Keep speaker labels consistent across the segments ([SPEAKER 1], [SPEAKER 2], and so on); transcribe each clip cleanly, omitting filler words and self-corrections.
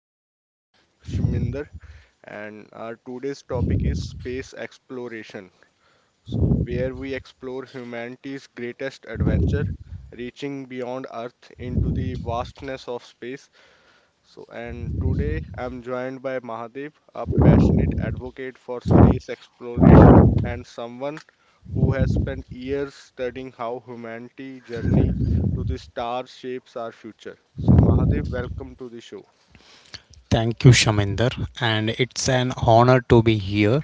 [SPEAKER 1] your host Shminder and our today's topic is space exploration. So where we explore humanity's greatest adventure, reaching beyond Earth into the vastness of space. So and today I'm joined by Mahadev, a passionate advocate for space exploration and someone who has spent years studying how humanity journey to the stars shapes our future. So Mahadev, welcome to the show.
[SPEAKER 2] Thank you, Shaminder, and it's an honor to be here.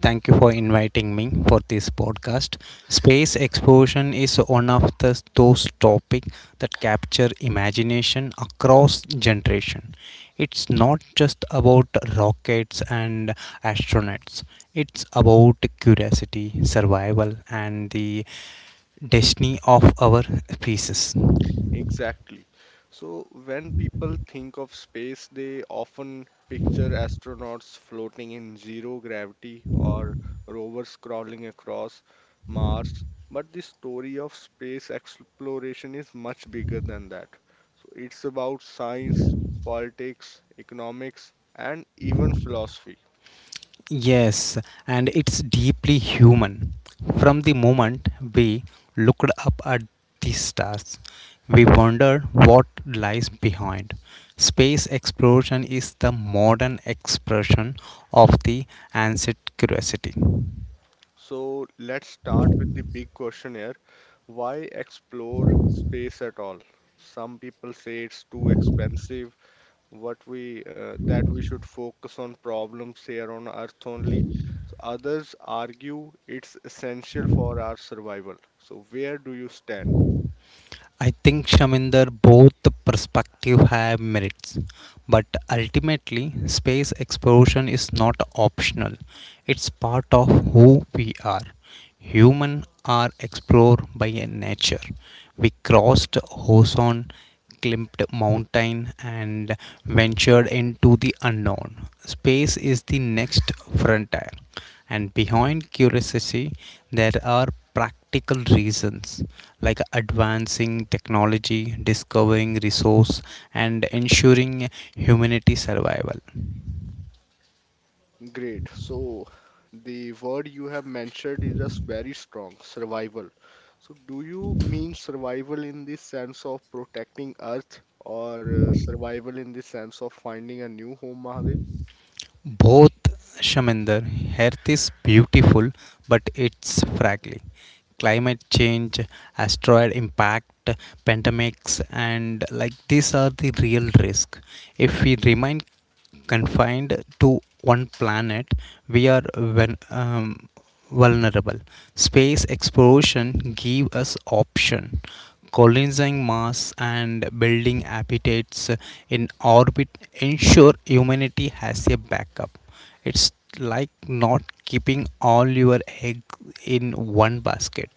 [SPEAKER 2] Thank you for inviting me for this podcast. Space exploration is one of those topics that capture imagination across generation. It's not just about rockets and astronauts. It's about curiosity, survival, and the destiny of our species.
[SPEAKER 1] Exactly. So when people think of space, they often picture astronauts floating in zero gravity or rovers crawling across Mars. But the story of space exploration is much bigger than that. So it's about science, politics, economics, and even philosophy.
[SPEAKER 2] Yes, and it's deeply human. From the moment we looked up at the stars, we wondered what lies behind. Space exploration is the modern expression of the ancient curiosity.
[SPEAKER 1] So let's start with the big question here. Why explore space at all? Some people say it's too expensive. What we that we should focus on problems here on Earth only. So others argue it's essential for our survival. So where do you stand?
[SPEAKER 2] I think Shaminder, both the perspective have merits, but ultimately, space exploration is not optional. It's part of who we are. Human are explored by a nature. We crossed ozone, climbed mountain, and ventured into the unknown. Space is the next frontier and behind curiosity there are practical reasons like advancing technology discovering resource and ensuring humanity survival.
[SPEAKER 1] Great. So the word you have mentioned is just very strong, survival. So do you mean survival in the sense of protecting Earth or survival in the sense of finding a new home, Mahadev?
[SPEAKER 2] Both Shaminder, Earth is beautiful, but it's fragile. Climate change, asteroid impact, pandemics, and like these are the real risk. If we remain confined to one planet, we are when vulnerable. Space exploration gave us option. Colonizing Mars and building habitats in orbit ensure humanity has a backup. It's like not keeping all your eggs in one basket.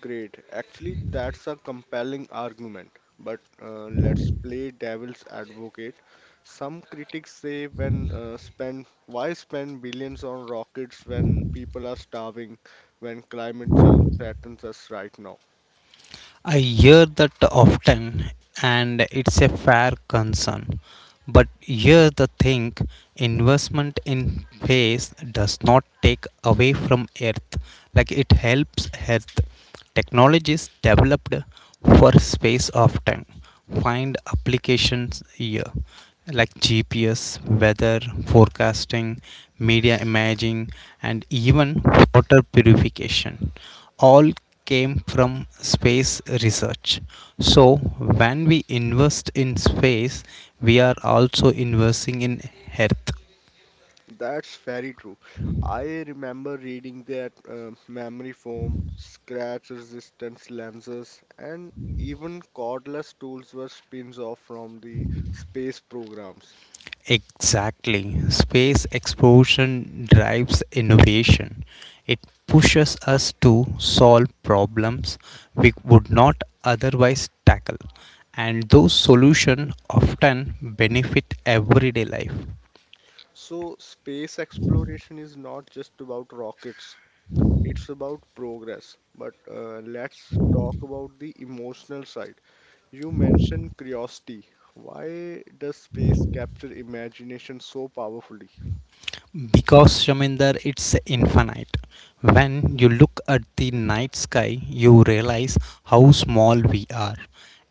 [SPEAKER 1] Great. Actually, that's a compelling argument. But let's play devil's advocate. Some critics say when spend why spend billions on rockets when people are starving, when climate change threatens us right now?
[SPEAKER 2] I hear that often, and it's a fair concern. But here's the thing investment in space does not take away from Earth, like it helps Earth. Technologies developed for space often find applications here like GPS, weather, forecasting, media imaging, and even water purification. All came from space research. So, when we invest in space, we are also investing in Earth.
[SPEAKER 1] That's very true. I remember reading that memory foam, scratch resistance lenses, and even cordless tools were spins off from the space programs.
[SPEAKER 2] Exactly. Space exploration drives innovation. It pushes us to solve problems we would not otherwise tackle, and those solutions often benefit everyday life.
[SPEAKER 1] So, space exploration is not just about rockets, it's about progress. But let's talk about the emotional side. You mentioned curiosity. Why does space capture imagination so powerfully?
[SPEAKER 2] Because Shaminder, it's infinite. When you look at the night sky, you realize how small we are,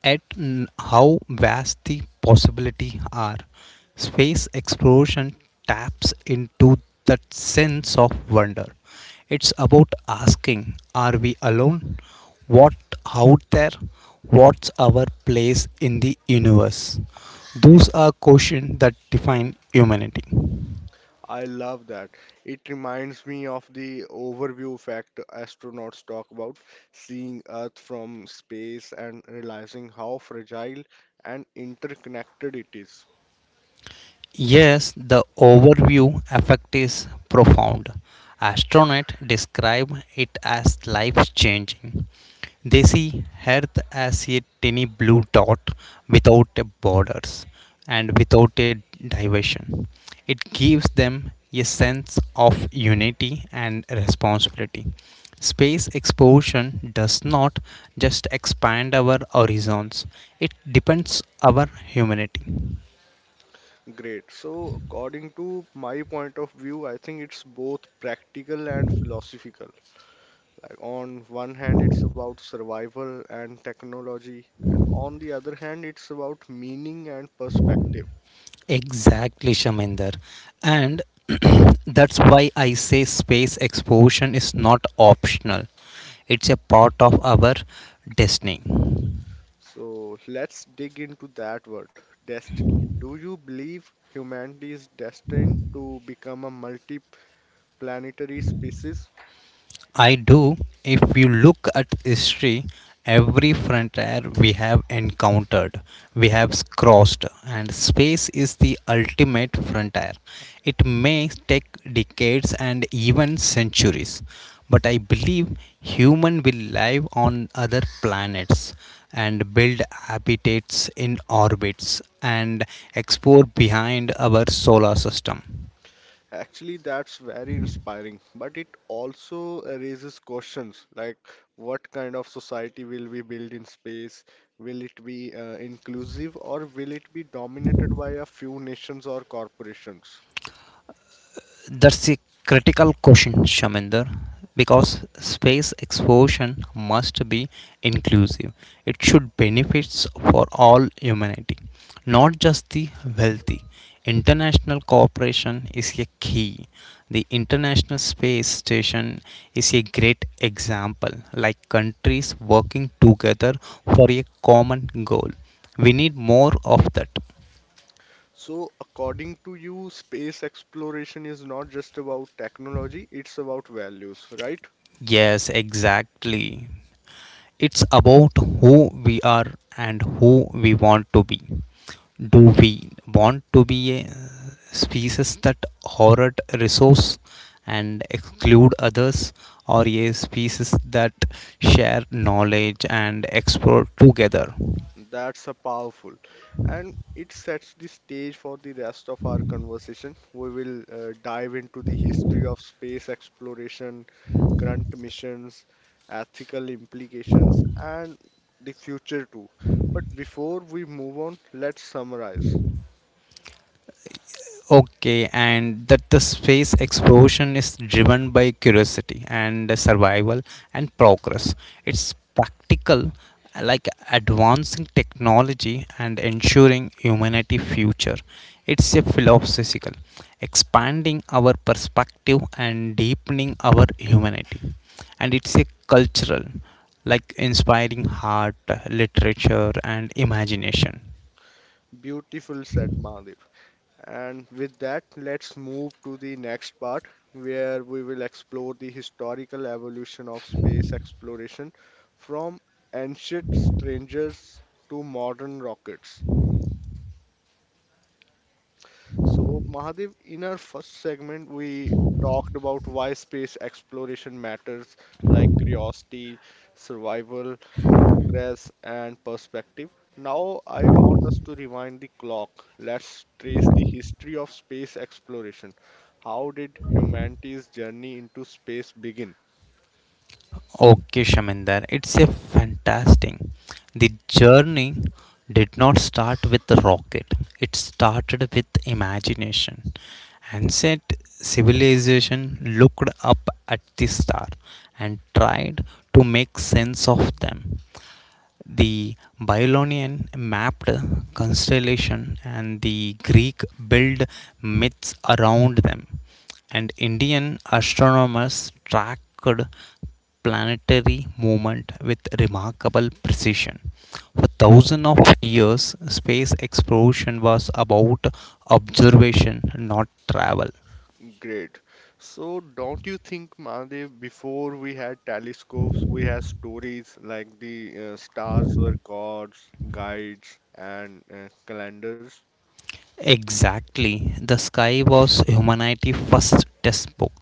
[SPEAKER 2] how vast the possibilities are. Space exploration taps into that sense of wonder. It's about asking, are we alone? What out there? What's our place in the universe? Those are questions that define humanity.
[SPEAKER 1] I love that. It reminds me of the overview fact astronauts talk about seeing Earth from space and realizing how fragile and interconnected it is.
[SPEAKER 2] Yes, the overview effect is profound. Astronauts describe it as life changing. They see Earth as a tiny blue dot without a borders and without a division. It gives them a sense of unity and responsibility. Space exploration does not just expand our horizons, it depends our humanity.
[SPEAKER 1] Great. So, according to my point of view, I think it's both practical and philosophical. Like, on one hand, it's about survival and technology, and on the other hand, it's about meaning and perspective.
[SPEAKER 2] Exactly, Shaminder. And that's why I say space exploration is not optional. It's a part of our destiny.
[SPEAKER 1] So let's dig into that word, destiny. Do you believe humanity is destined to become a multi-planetary species?
[SPEAKER 2] I do. If you look at history, every frontier we have encountered, we have crossed, and space is the ultimate frontier. It may take decades and even centuries, but I believe human will live on other planets and build habitats in orbits and explore behind our solar system.
[SPEAKER 1] Actually, that's very inspiring, but it also raises questions like what kind of society will we build in space? Will it be inclusive or will it be dominated by a few nations or corporations?
[SPEAKER 2] That's a critical question, Shaminder, because space exploration must be inclusive. It should benefits for all humanity, not just the wealthy. International cooperation is a key. The International Space Station is a great example, like countries working together for a common goal. We need more of that.
[SPEAKER 1] So, according to you, space exploration is not just about technology, it's about values, right?
[SPEAKER 2] Yes, exactly. It's about who we are and who we want to be. Do we want to be a species that hoard resource and exclude others, or a species that share knowledge and explore together?
[SPEAKER 1] That's a powerful, and it sets the stage for the rest of our conversation. We will dive into the history of space exploration, current missions, ethical implications, and the future too. But before we move on, let's summarize.
[SPEAKER 2] Okay, and that the space exploration is driven by curiosity and survival and progress. It's practical, like advancing technology and ensuring humanity future. It's a philosophical, expanding our perspective and deepening our humanity. And it's a cultural, like inspiring art, literature, and imagination.
[SPEAKER 1] Beautiful, said Mahadev. And with that, let's move to the next part where we will explore the historical evolution of space exploration from ancient strangers to modern rockets. So, Mahadev, in our first segment, we talked about why space exploration matters, like curiosity, survival, progress, and perspective. Now, I want us to rewind the clock. Let's trace the history of space exploration. How did humanity's journey into space begin?
[SPEAKER 2] Okay, Shaminder, it's a fantastic. The journey did not start with the rocket. It started with imagination. Ancient civilization looked up at the star and tried to make sense of them. The Babylonian mapped constellation and the Greek built myths around them, and Indian astronomers tracked planetary movement with remarkable precision. For thousands of years, space exploration was about observation, not travel.
[SPEAKER 1] Great. So, don't you think, Mahadev, before we had telescopes, we had stories like the stars were gods, guides, and calendars?
[SPEAKER 2] Exactly. The sky was humanity's first textbook.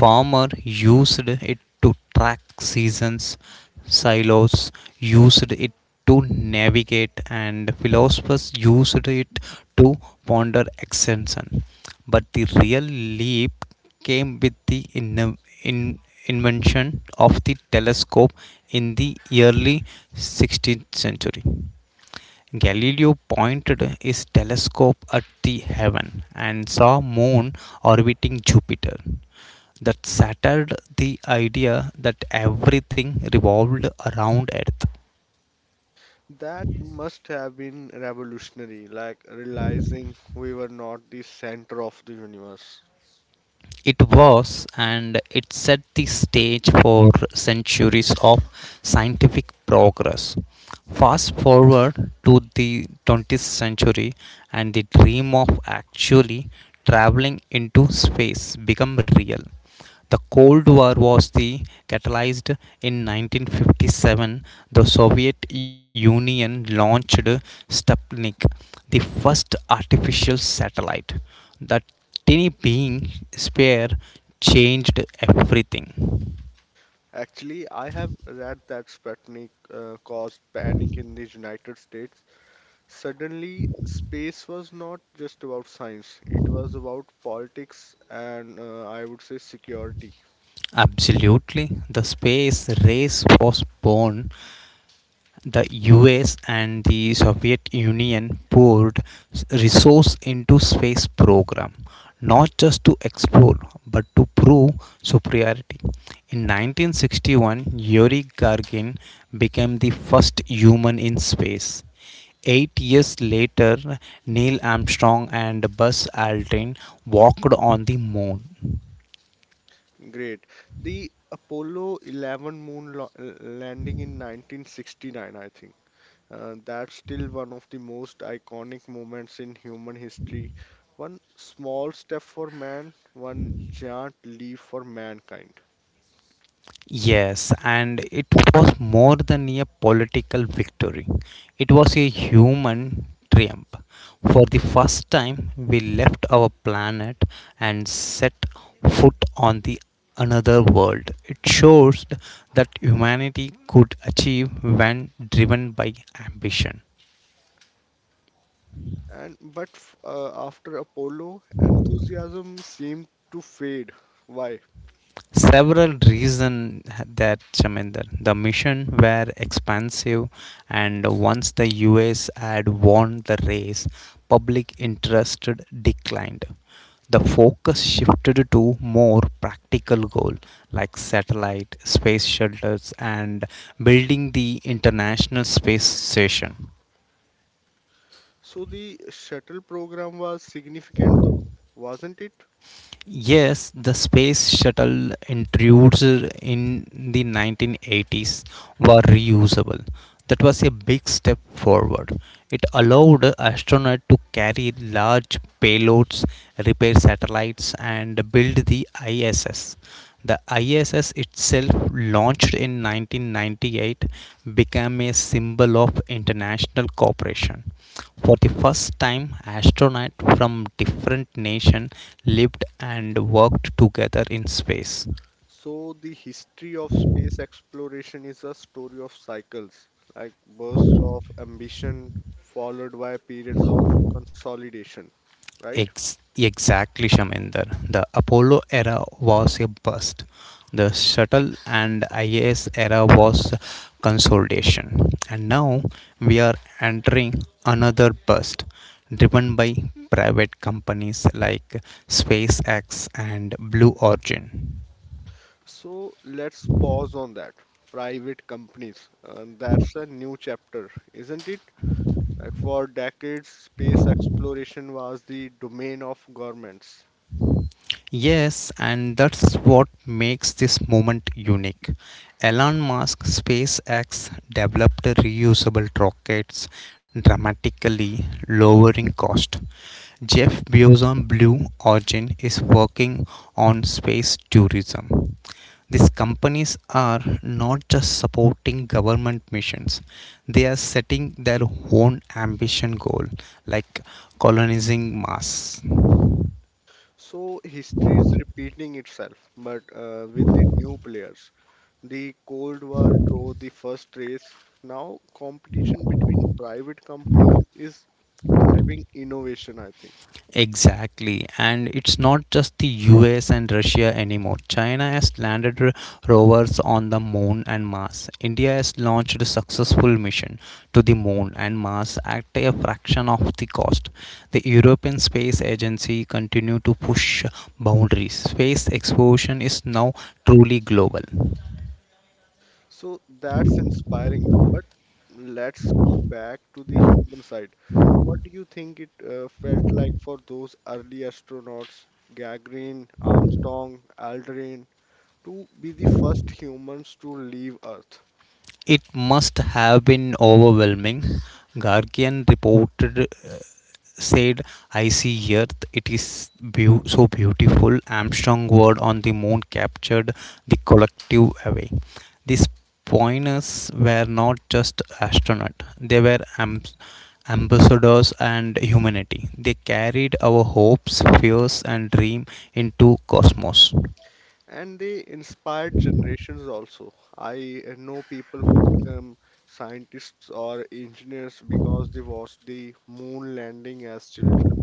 [SPEAKER 2] Farmer used it to track seasons, silos used it to navigate, and philosophers used it to ponder extension. But the real leap came with the in- invention of the telescope in the early 16th century. Galileo pointed his telescope at the heaven and saw moon orbiting Jupiter. That shattered the idea that everything revolved around Earth.
[SPEAKER 1] That must have been revolutionary, like realizing we were not the center of the universe.
[SPEAKER 2] It was and it set the stage for centuries of scientific progress. Fast forward to the 20th century and the dream of actually traveling into space became real. The Cold War was the catalyzed. In 1957, the Soviet Union launched Sputnik, the first artificial satellite. That tiny being sphere changed everything.
[SPEAKER 1] Actually, I have read that Sputnik caused panic in the United States. Suddenly, space was not just about science, it was about politics and I would say security.
[SPEAKER 2] Absolutely, the space race was born. The US and the Soviet Union poured resource into space program not just to explore but to prove superiority. In 1961, Yuri Gagarin became the first human in space. 8 years later, Neil Armstrong and Buzz Aldrin walked on the moon.
[SPEAKER 1] Great. The Apollo 11 landing in 1969, I think. That's still one of the most iconic moments in human history. One small step for man, one giant leap for mankind.
[SPEAKER 2] Yes, and it was more than a political victory. It was a human triumph. For the first time, we left our planet and set foot on the another world. It shows that humanity could achieve when driven by ambition.
[SPEAKER 1] After Apollo, enthusiasm seemed to fade. Why?
[SPEAKER 2] Several reasons that Shaminder. The mission were expansive, and once the US had won the race, public interest declined. The focus shifted to more practical goals like satellite, space shuttles, and building the International Space Station.
[SPEAKER 1] So the shuttle program was significant though, wasn't it?
[SPEAKER 2] Yes, the space shuttle intrudes in the 1980s were reusable. That was a big step forward. It allowed astronauts to carry large payloads, repair satellites, and build the ISS. The ISS itself, launched in 1998, became a symbol of international cooperation. For the first time, astronauts from different nations lived and worked together in space.
[SPEAKER 1] So the history of space exploration is a story of cycles, like bursts of ambition followed by periods of consolidation, right?
[SPEAKER 2] Exactly, Shaminder. The Apollo era was a burst. The shuttle and IS era was consolidation. And now we are entering another burst driven by private companies like SpaceX and Blue Origin.
[SPEAKER 1] So let's pause on that. Private companies, and that's a new chapter, isn't it? Like for decades, space exploration was the domain of governments.
[SPEAKER 2] Yes, and that's what makes this moment unique. Elon Musk SpaceX developed reusable rockets, dramatically lowering cost. Jeff Bezos Blue Origin is working on space tourism. These companies are not just supporting government missions, they are setting their own ambition goal like colonizing Mars.
[SPEAKER 1] So history is repeating itself, but with the new players. The Cold War drove the first race. Now competition between private companies is driving innovation, I think.
[SPEAKER 2] Exactly, and it's not just the US and Russia anymore. China has landed rovers on the moon and Mars. India has launched a successful mission to the moon and Mars at a fraction of the cost. The European Space Agency continue to push boundaries. Space exploration is now truly global.
[SPEAKER 1] So that's inspiring. But let's go back to the human side. What do you think it felt like for those early astronauts, Gagarin, Armstrong, Aldrin, to be the first humans to leave Earth?
[SPEAKER 2] It must have been overwhelming. Guardian reported said, "I see Earth. It is so beautiful." Armstrong word on the moon captured the collective away. These pioneers were not just astronauts; they were ambassadors and humanity. They carried our hopes, fears, and dream into cosmos.
[SPEAKER 1] And they inspired generations also. I know people who become scientists or engineers because they watched the moon landing as children.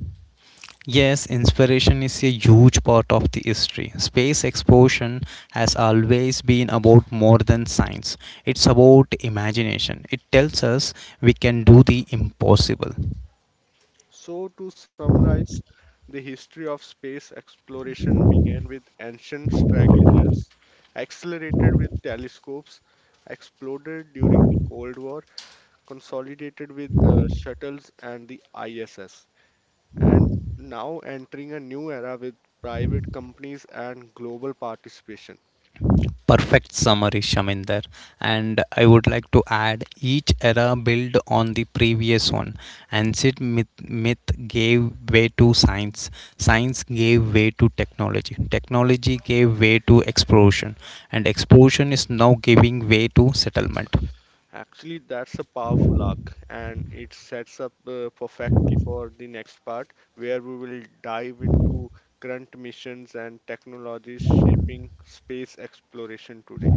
[SPEAKER 2] Yes, inspiration is a huge part of the history. Space exploration has always been about more than science. It's about imagination. It tells us we can do the impossible.
[SPEAKER 1] So, to summarize, the history of space exploration began with ancient strategies, accelerated with telescopes, exploded during the Cold War, consolidated with shuttles and the ISS, and now entering a new era with private companies and global participation.
[SPEAKER 2] Perfect summary Shaminder, and I would like to add each era built on the previous one. Ancient myth gave way to science. Science gave way to technology. Technology gave way to exploration, and exploration is now giving way to settlement.
[SPEAKER 1] Actually, that's a powerful arc, and it sets up perfectly for the next part, where we will dive into current missions and technologies shaping space exploration today.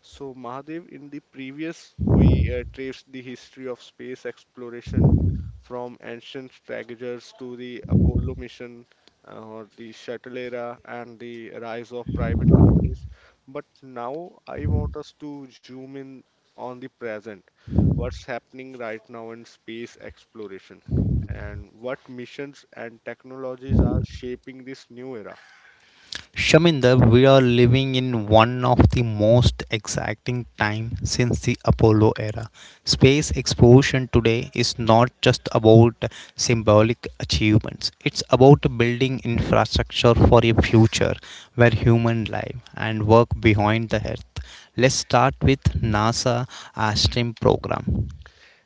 [SPEAKER 1] So, Mahadev, in the previous, we traced the history of space exploration from ancient strategers to the Apollo mission or the shuttle era and the rise of private companies. But now I want us to zoom in on the present. What's happening right now in space exploration and what missions and technologies are shaping this new era?
[SPEAKER 2] Shaminder, we are living in one of the most exciting time since the Apollo era. Space exploration today is not just about symbolic achievements. It's about building infrastructure for a future where human live and work behind the earth. Let's start with NASA Astrim program.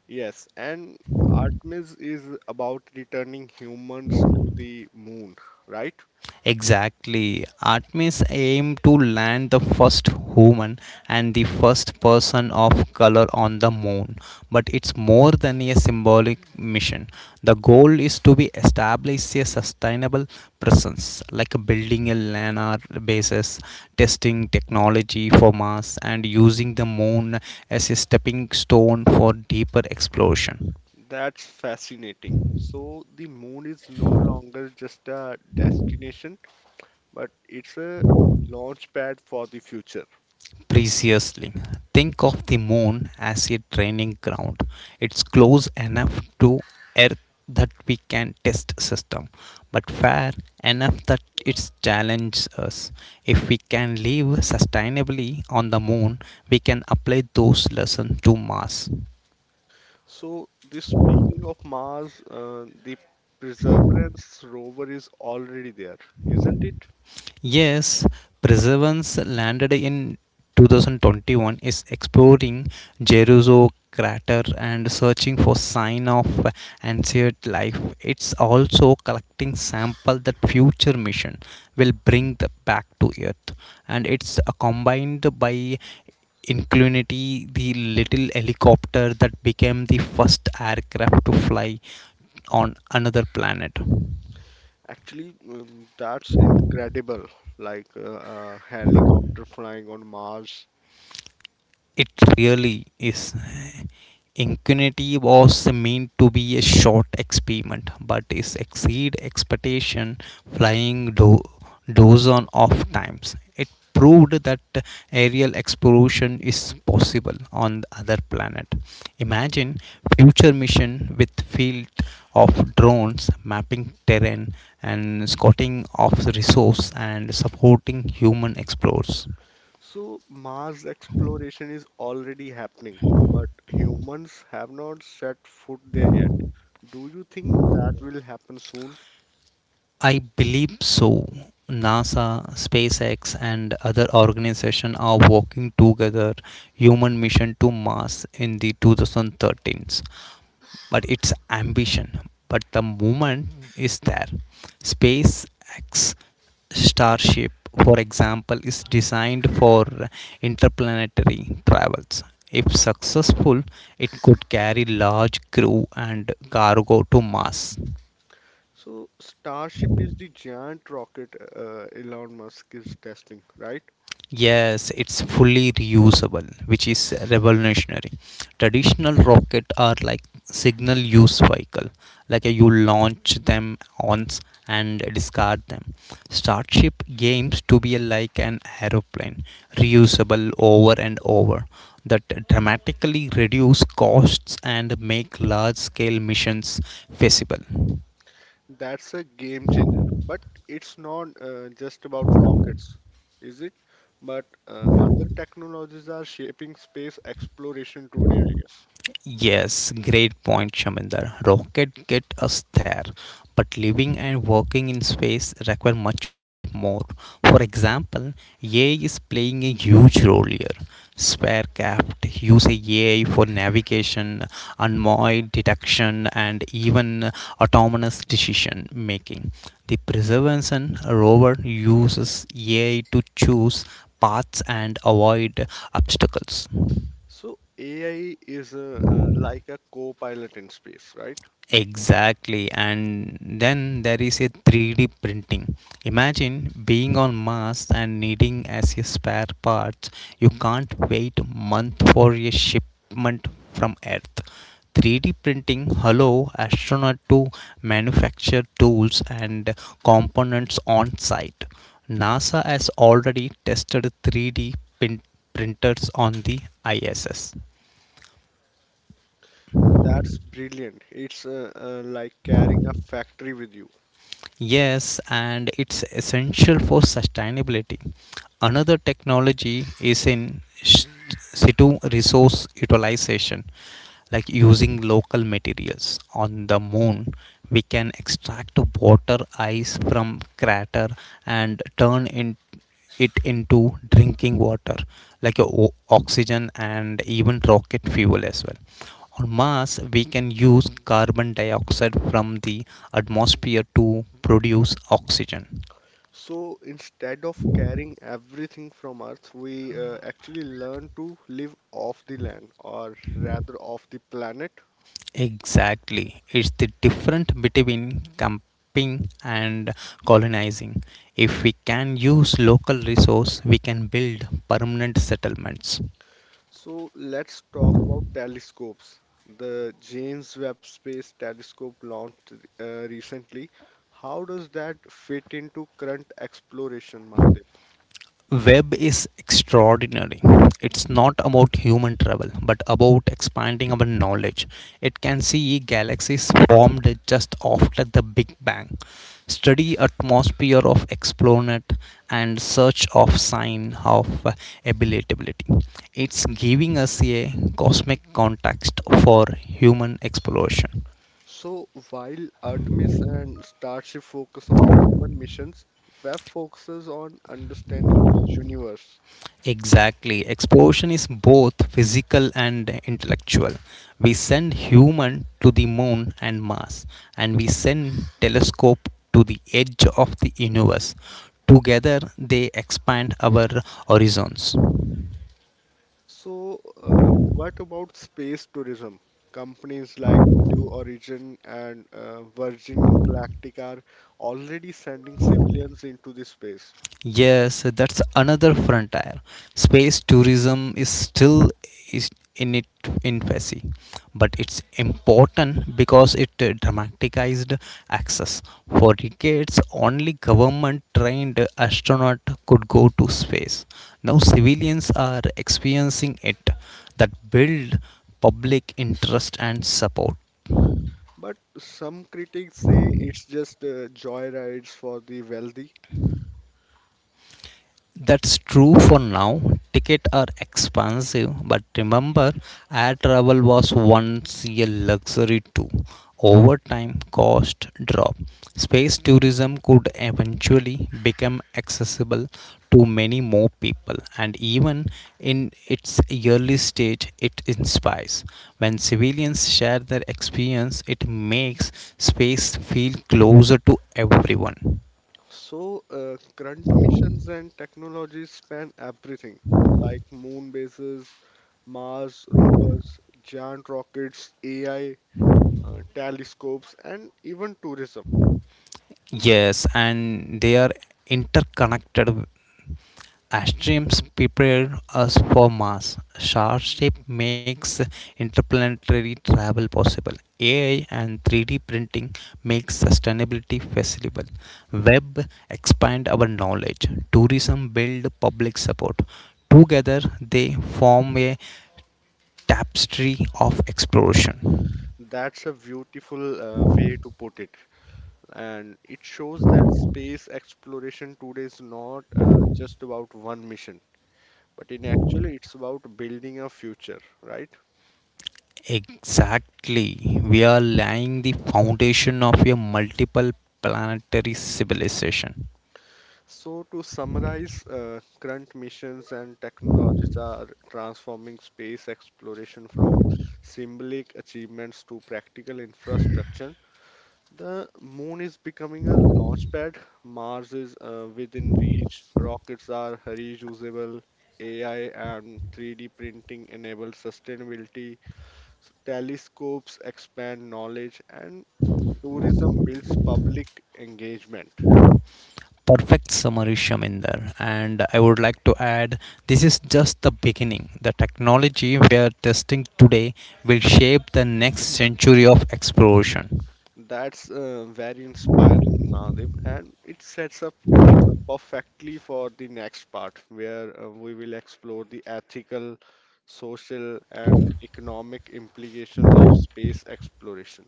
[SPEAKER 1] Yes, and Artemis is about returning humans to the moon, right?
[SPEAKER 2] Exactly. Artemis aimed to land the first human and the first person of color on the moon. But it's more than a symbolic mission. The goal is to be establish a sustainable presence, like building a lunar bases, testing technology for Mars, and using the moon as a stepping stone for deeper exploration.
[SPEAKER 1] That's fascinating. So the moon is no longer just a destination, but it's a launch pad for the future.
[SPEAKER 2] Preciously. Think of the moon as a training ground. It's close enough to Earth that we can test system, but fair enough that it challenges us. If we can live sustainably on the moon, we can apply those lessons to Mars.
[SPEAKER 1] So the speaking of Mars, the Perseverance rover is already there, isn't it?
[SPEAKER 2] Yes, Perseverance landed in 2021 is exploring Jeruzo crater and searching for sign of ancient life. It's also collecting sample that future mission will bring the back to earth, and it's combined by Inclinity, the little helicopter that became the first aircraft to fly on another planet.
[SPEAKER 1] Actually, that's incredible. Like uh, a helicopter flying on Mars.
[SPEAKER 2] It really is. Ingenuity was meant to be a short experiment, but it exceeded expectation, flying do- dozen of times. It proved that aerial exploration is possible on the other planet. Imagine future mission with field of drones mapping terrain and scouting of resource and supporting human explorers.
[SPEAKER 1] So Mars exploration is already happening, but humans have not set foot there yet. Do you think that will happen soon?
[SPEAKER 2] I believe so. NASA, SpaceX, and other organizations are working together human mission to Mars in the 2013s. But it's ambition. But the movement is there. SpaceX Starship, for example, is designed for interplanetary travels. If successful, it could carry large crew and cargo to Mars.
[SPEAKER 1] So Starship is the giant rocket Elon Musk is testing, right?
[SPEAKER 2] Yes, it's fully reusable, which is revolutionary. Traditional rocket are like signal use vehicle, like you launch them once and discard them. Starship games to be like an aeroplane, reusable over and over, that dramatically reduce costs and make large-scale missions feasible.
[SPEAKER 1] That's a game changer. But it's not just about rockets, is it? But other technologies are shaping space exploration today, I guess.
[SPEAKER 2] Yes, great point, Shaminder. Rocket get us there, but living and working in space require much more. For example, AI is playing a huge role here. Sparecraft use AI for navigation, anomaly detection, and even autonomous decision making. The Perseverance rover uses AI to choose paths and avoid obstacles.
[SPEAKER 1] So AI is like a co-pilot in space, right?
[SPEAKER 2] Exactly, and then there is a 3D printing. Imagine being on Mars and needing as a spare parts. You can't wait month for a shipment from Earth. 3D printing allow astronaut to manufacture tools and components on site. NASA has already tested 3D printers on the ISS.
[SPEAKER 1] That's brilliant. It's like carrying a factory with you.
[SPEAKER 2] Yes, and it's essential for sustainability. Another technology is in situ resource utilization, like using local materials. On the moon, we can extract water ice from crater and turn it into drinking water, like oxygen, and even rocket fuel as well. On Mars, we can use carbon dioxide from the atmosphere to produce oxygen.
[SPEAKER 1] So instead of carrying everything from Earth, we actually learn to live off the land, or rather off the planet.
[SPEAKER 2] Exactly. It's the difference between camping and colonizing. If we can use local resource, we can build permanent settlements.
[SPEAKER 1] So let's talk about telescopes. The James Webb Space Telescope launched recently. How does that fit into current exploration, Mahadev?
[SPEAKER 2] Web is extraordinary. It's not about human travel, but about expanding our knowledge. It can see galaxies formed just after the big bang, study atmosphere of explanet, and search of sign of habitability. It's giving us a cosmic context for human exploration.
[SPEAKER 1] So while Artemis and Starship focus on human missions, Web focuses on understanding the universe.
[SPEAKER 2] Exactly. Exploration is both physical and intellectual. We send human to the moon and Mars, and we send telescope to the edge of the universe. Together they expand our horizons.
[SPEAKER 1] So, what about space tourism? Companies like Blue Origin and Virgin Galactic are already sending civilians into the space.
[SPEAKER 2] Yes, that's another frontier. Space tourism is still is in its infancy, but it's important because it dramatized access. For decades, only government-trained astronaut could go to space. Now civilians are experiencing it. That build public interest and support.
[SPEAKER 1] But some critics say it's just joyrides for the wealthy.
[SPEAKER 2] That's true for now. Tickets are expensive, but remember, air travel was once a luxury too. Over time, cost drop. Space tourism could eventually become accessible to many more people, and even in its early stage, it inspires. When civilians share their experience, it makes space feel closer to everyone.
[SPEAKER 1] So, current missions and technologies span everything like moon bases, Mars rovers, giant rockets, AI, telescopes, and even tourism.
[SPEAKER 2] Yes, and they are interconnected. As streams prepare us for Mars, Starship makes interplanetary travel possible. AI and 3D printing makes sustainability feasible. Web expand our knowledge. Tourism build public support. Together, they form a tapestry of exploration.
[SPEAKER 1] That's a beautiful way to put it. And it shows that space exploration today is not just about one mission, but in actually it's about building a future, right?
[SPEAKER 2] Exactly. We are laying the foundation of a multiple planetary civilization.
[SPEAKER 1] So, to summarize, current missions and technologies are transforming space exploration from symbolic achievements to practical infrastructure. The moon is becoming a launchpad, Mars is within reach, rockets are reusable, AI and 3D printing enable sustainability, so telescopes expand knowledge, and tourism builds public engagement.
[SPEAKER 2] Perfect summary, Shaminder. And I would like to add, this is just the beginning. The technology we are testing today will shape the next century of exploration.
[SPEAKER 1] That's very inspiring, Navdeep, and it sets up uh, perfectly for the next part where we will explore the ethical, social, and economic implications of space exploration.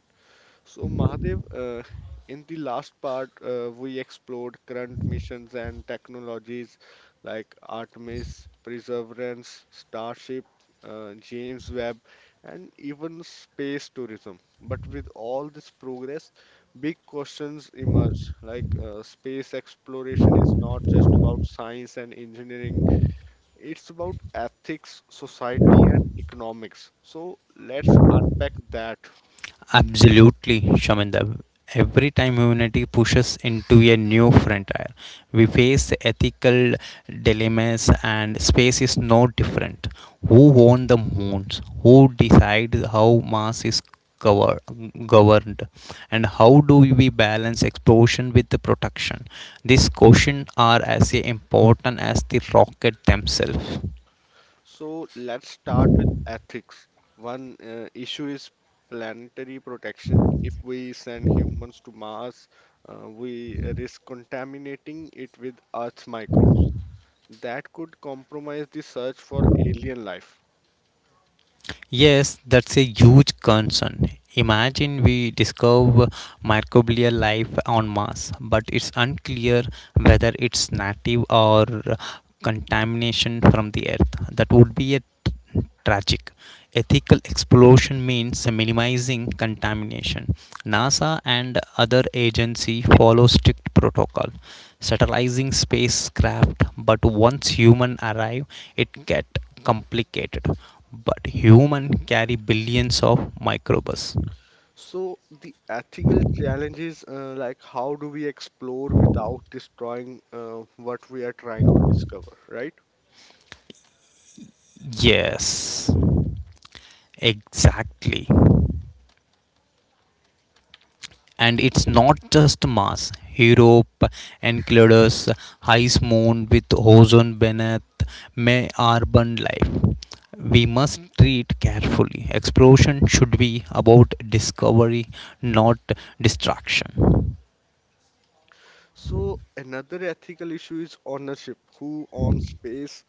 [SPEAKER 1] So, Mahadev, in the last part, we explored current missions and technologies like Artemis, Perseverance, Starship, James Webb, and even space tourism. But with all this progress, big questions emerge. Like space exploration is not just about science and engineering, it's about ethics, society, and economics. So, let's unpack that.
[SPEAKER 2] Absolutely, Shaminda. Every time humanity pushes into a new frontier, we face ethical dilemmas, and space is no different. Who owns the moons? Who decides how Mars is cover- governed? And how do we balance explosion with the protection? These questions are as important as the rocket themselves.
[SPEAKER 1] So let's start with ethics. One issue is planetary protection. If we send humans to Mars, we risk contaminating it with Earth's microbes. That could compromise the search for alien life.
[SPEAKER 2] Yes, that's a huge concern. Imagine we discover microbial life on Mars, but it's unclear whether it's native or contamination from the Earth. That would be a tragic. Ethical exploration means minimizing contamination. NASA and other agency follow strict protocol, satellising spacecraft, but once human arrive, it get complicated, but human carry billions of microbes.
[SPEAKER 1] So the ethical challenge is like how do we explore without destroying what we are trying to discover, right?
[SPEAKER 2] Yes, exactly. And it's not just Mars. Europe encounters ice moon with ozone beneath may urban life. We must treat carefully. Exploration should be about discovery, not destruction.
[SPEAKER 1] So another ethical issue is ownership. Who owns space?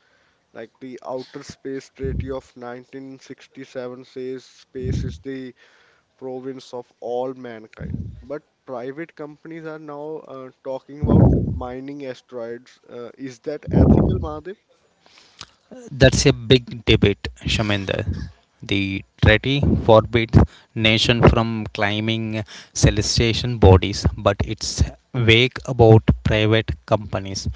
[SPEAKER 1] Like the Outer Space Treaty of 1967 says space is the province of all mankind. But private companies are now talking about mining asteroids. Is that ethical, Mahadev?
[SPEAKER 2] That's a big debate, Shaminder. The treaty forbids nation from claiming celestial bodies, but it's vague about private companies.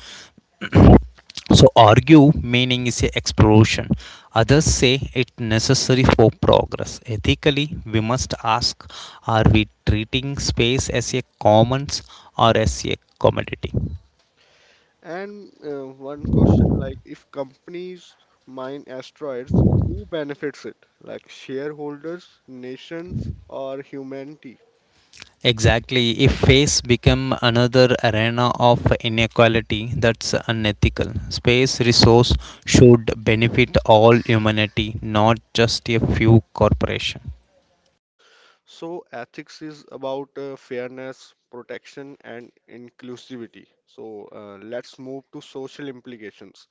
[SPEAKER 2] So argue meaning is a exploration. Others say it's necessary for progress. Ethically, we must ask: are we treating space as a commons or as a commodity?
[SPEAKER 1] And one question like if companies mine asteroids, who benefits it? Like shareholders, nations, or humanity?
[SPEAKER 2] Exactly. If space become another arena of inequality, that's unethical. Space resource should benefit all humanity, not just a few corporation.
[SPEAKER 1] So, ethics is about fairness, protection, and inclusivity. So, let's move to social implications.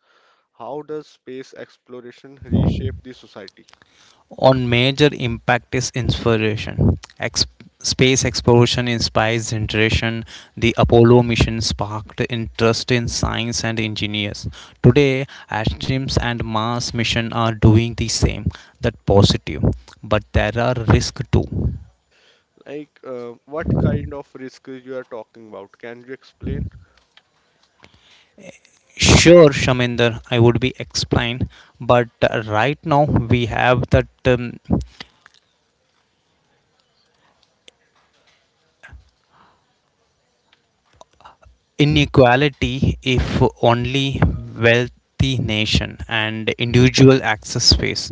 [SPEAKER 1] How does space exploration reshape the society?
[SPEAKER 2] On major impact is inspiration. Space exploration inspires generation. The Apollo mission sparked interest in science and engineers. Today, Astrams and Mars mission are doing the same. That positive, but there are risks too.
[SPEAKER 1] Like, what kind of risk you are talking about? Can you explain?
[SPEAKER 2] Sure, Shaminder, I would be explained, but right now we have that inequality if only wealthy nation and individual access space.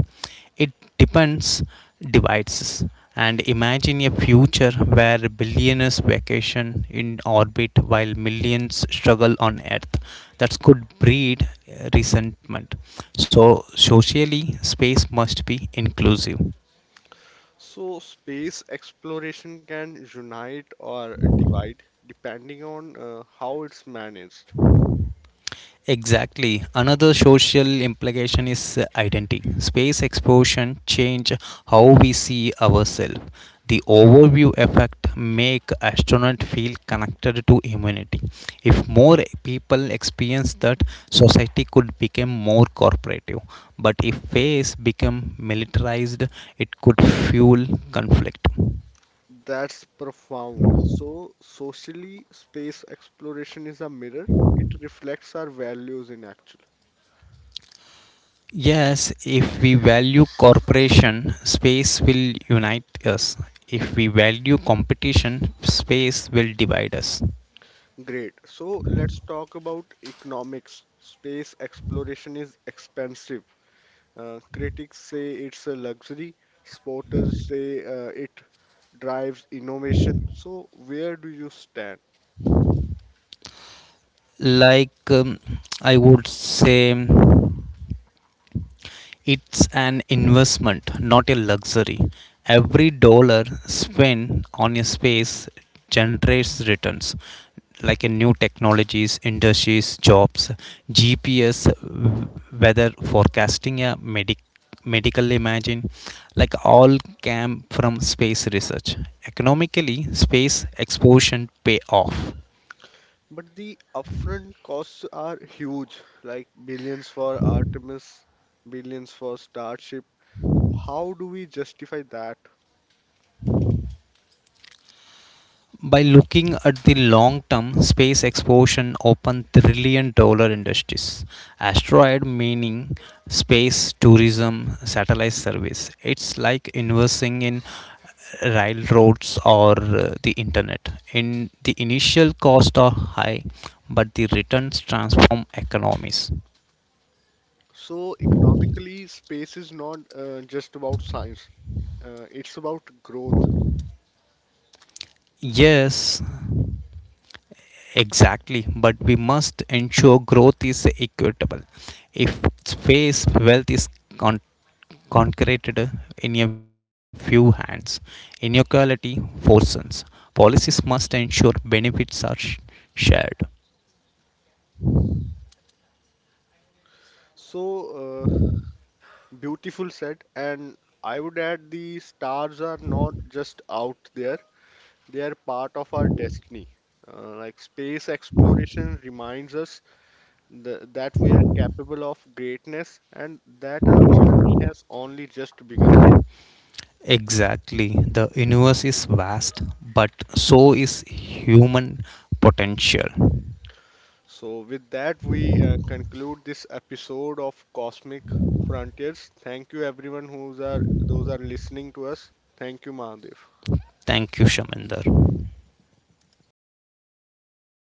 [SPEAKER 2] It depends devices, and imagine a future where billionaires vacation in orbit while millions struggle on earth. That could breed resentment, so socially space must be inclusive.
[SPEAKER 1] So, space exploration can unite or divide depending on how it's managed.
[SPEAKER 2] Exactly. Another social implication is identity. Space exposure change how we see ourselves. The overview effect make astronaut feel connected to humanity. If more people experience that, society could become more cooperative. But if space become militarized, it could fuel conflict.
[SPEAKER 1] That's profound. So, socially, space exploration is a mirror. It reflects our values in action.
[SPEAKER 2] Yes, if we value corporation, space will unite us. If we value competition, space will divide us.
[SPEAKER 1] Great. So, let's talk about economics. Space exploration is expensive. Critics say it's a luxury. Supporters say it drives innovation. So, where do you stand?
[SPEAKER 2] Like, um, I would say, it's an investment, not a luxury. Every dollar spent on a space generates returns, like in new technologies, industries, jobs, GPS, weather forecasting, a medical imaging, like all came from space research. Economically, space exposure pay off.
[SPEAKER 1] But the upfront costs are huge, like billions for Artemis, billions for Starship. How do we justify that?
[SPEAKER 2] By looking at the long term, space exploration open trillion dollar industries. Asteroid mining, space tourism, satellite service. It's like investing in railroads or the internet. In the initial costs are high, but the returns transform economies.
[SPEAKER 1] So, economically, space is not just about science, it's about growth.
[SPEAKER 2] Yes, exactly, but we must ensure growth is equitable. If space wealth is con- concreted in a few hands, inequality worsens. Policies must ensure benefits are shared.
[SPEAKER 1] So, uh, beautiful said. And I would add the stars are not just out there, they are part of our destiny. Like space exploration reminds us th that we are capable of greatness and that our journey has only just begun.
[SPEAKER 2] Exactly, the universe is vast, but so is human potential.
[SPEAKER 1] So, with that, we conclude this episode of Cosmic Frontiers. Thank you, everyone who's are those are listening to us. Thank you, Mahadev.
[SPEAKER 2] Thank you, Shaminder.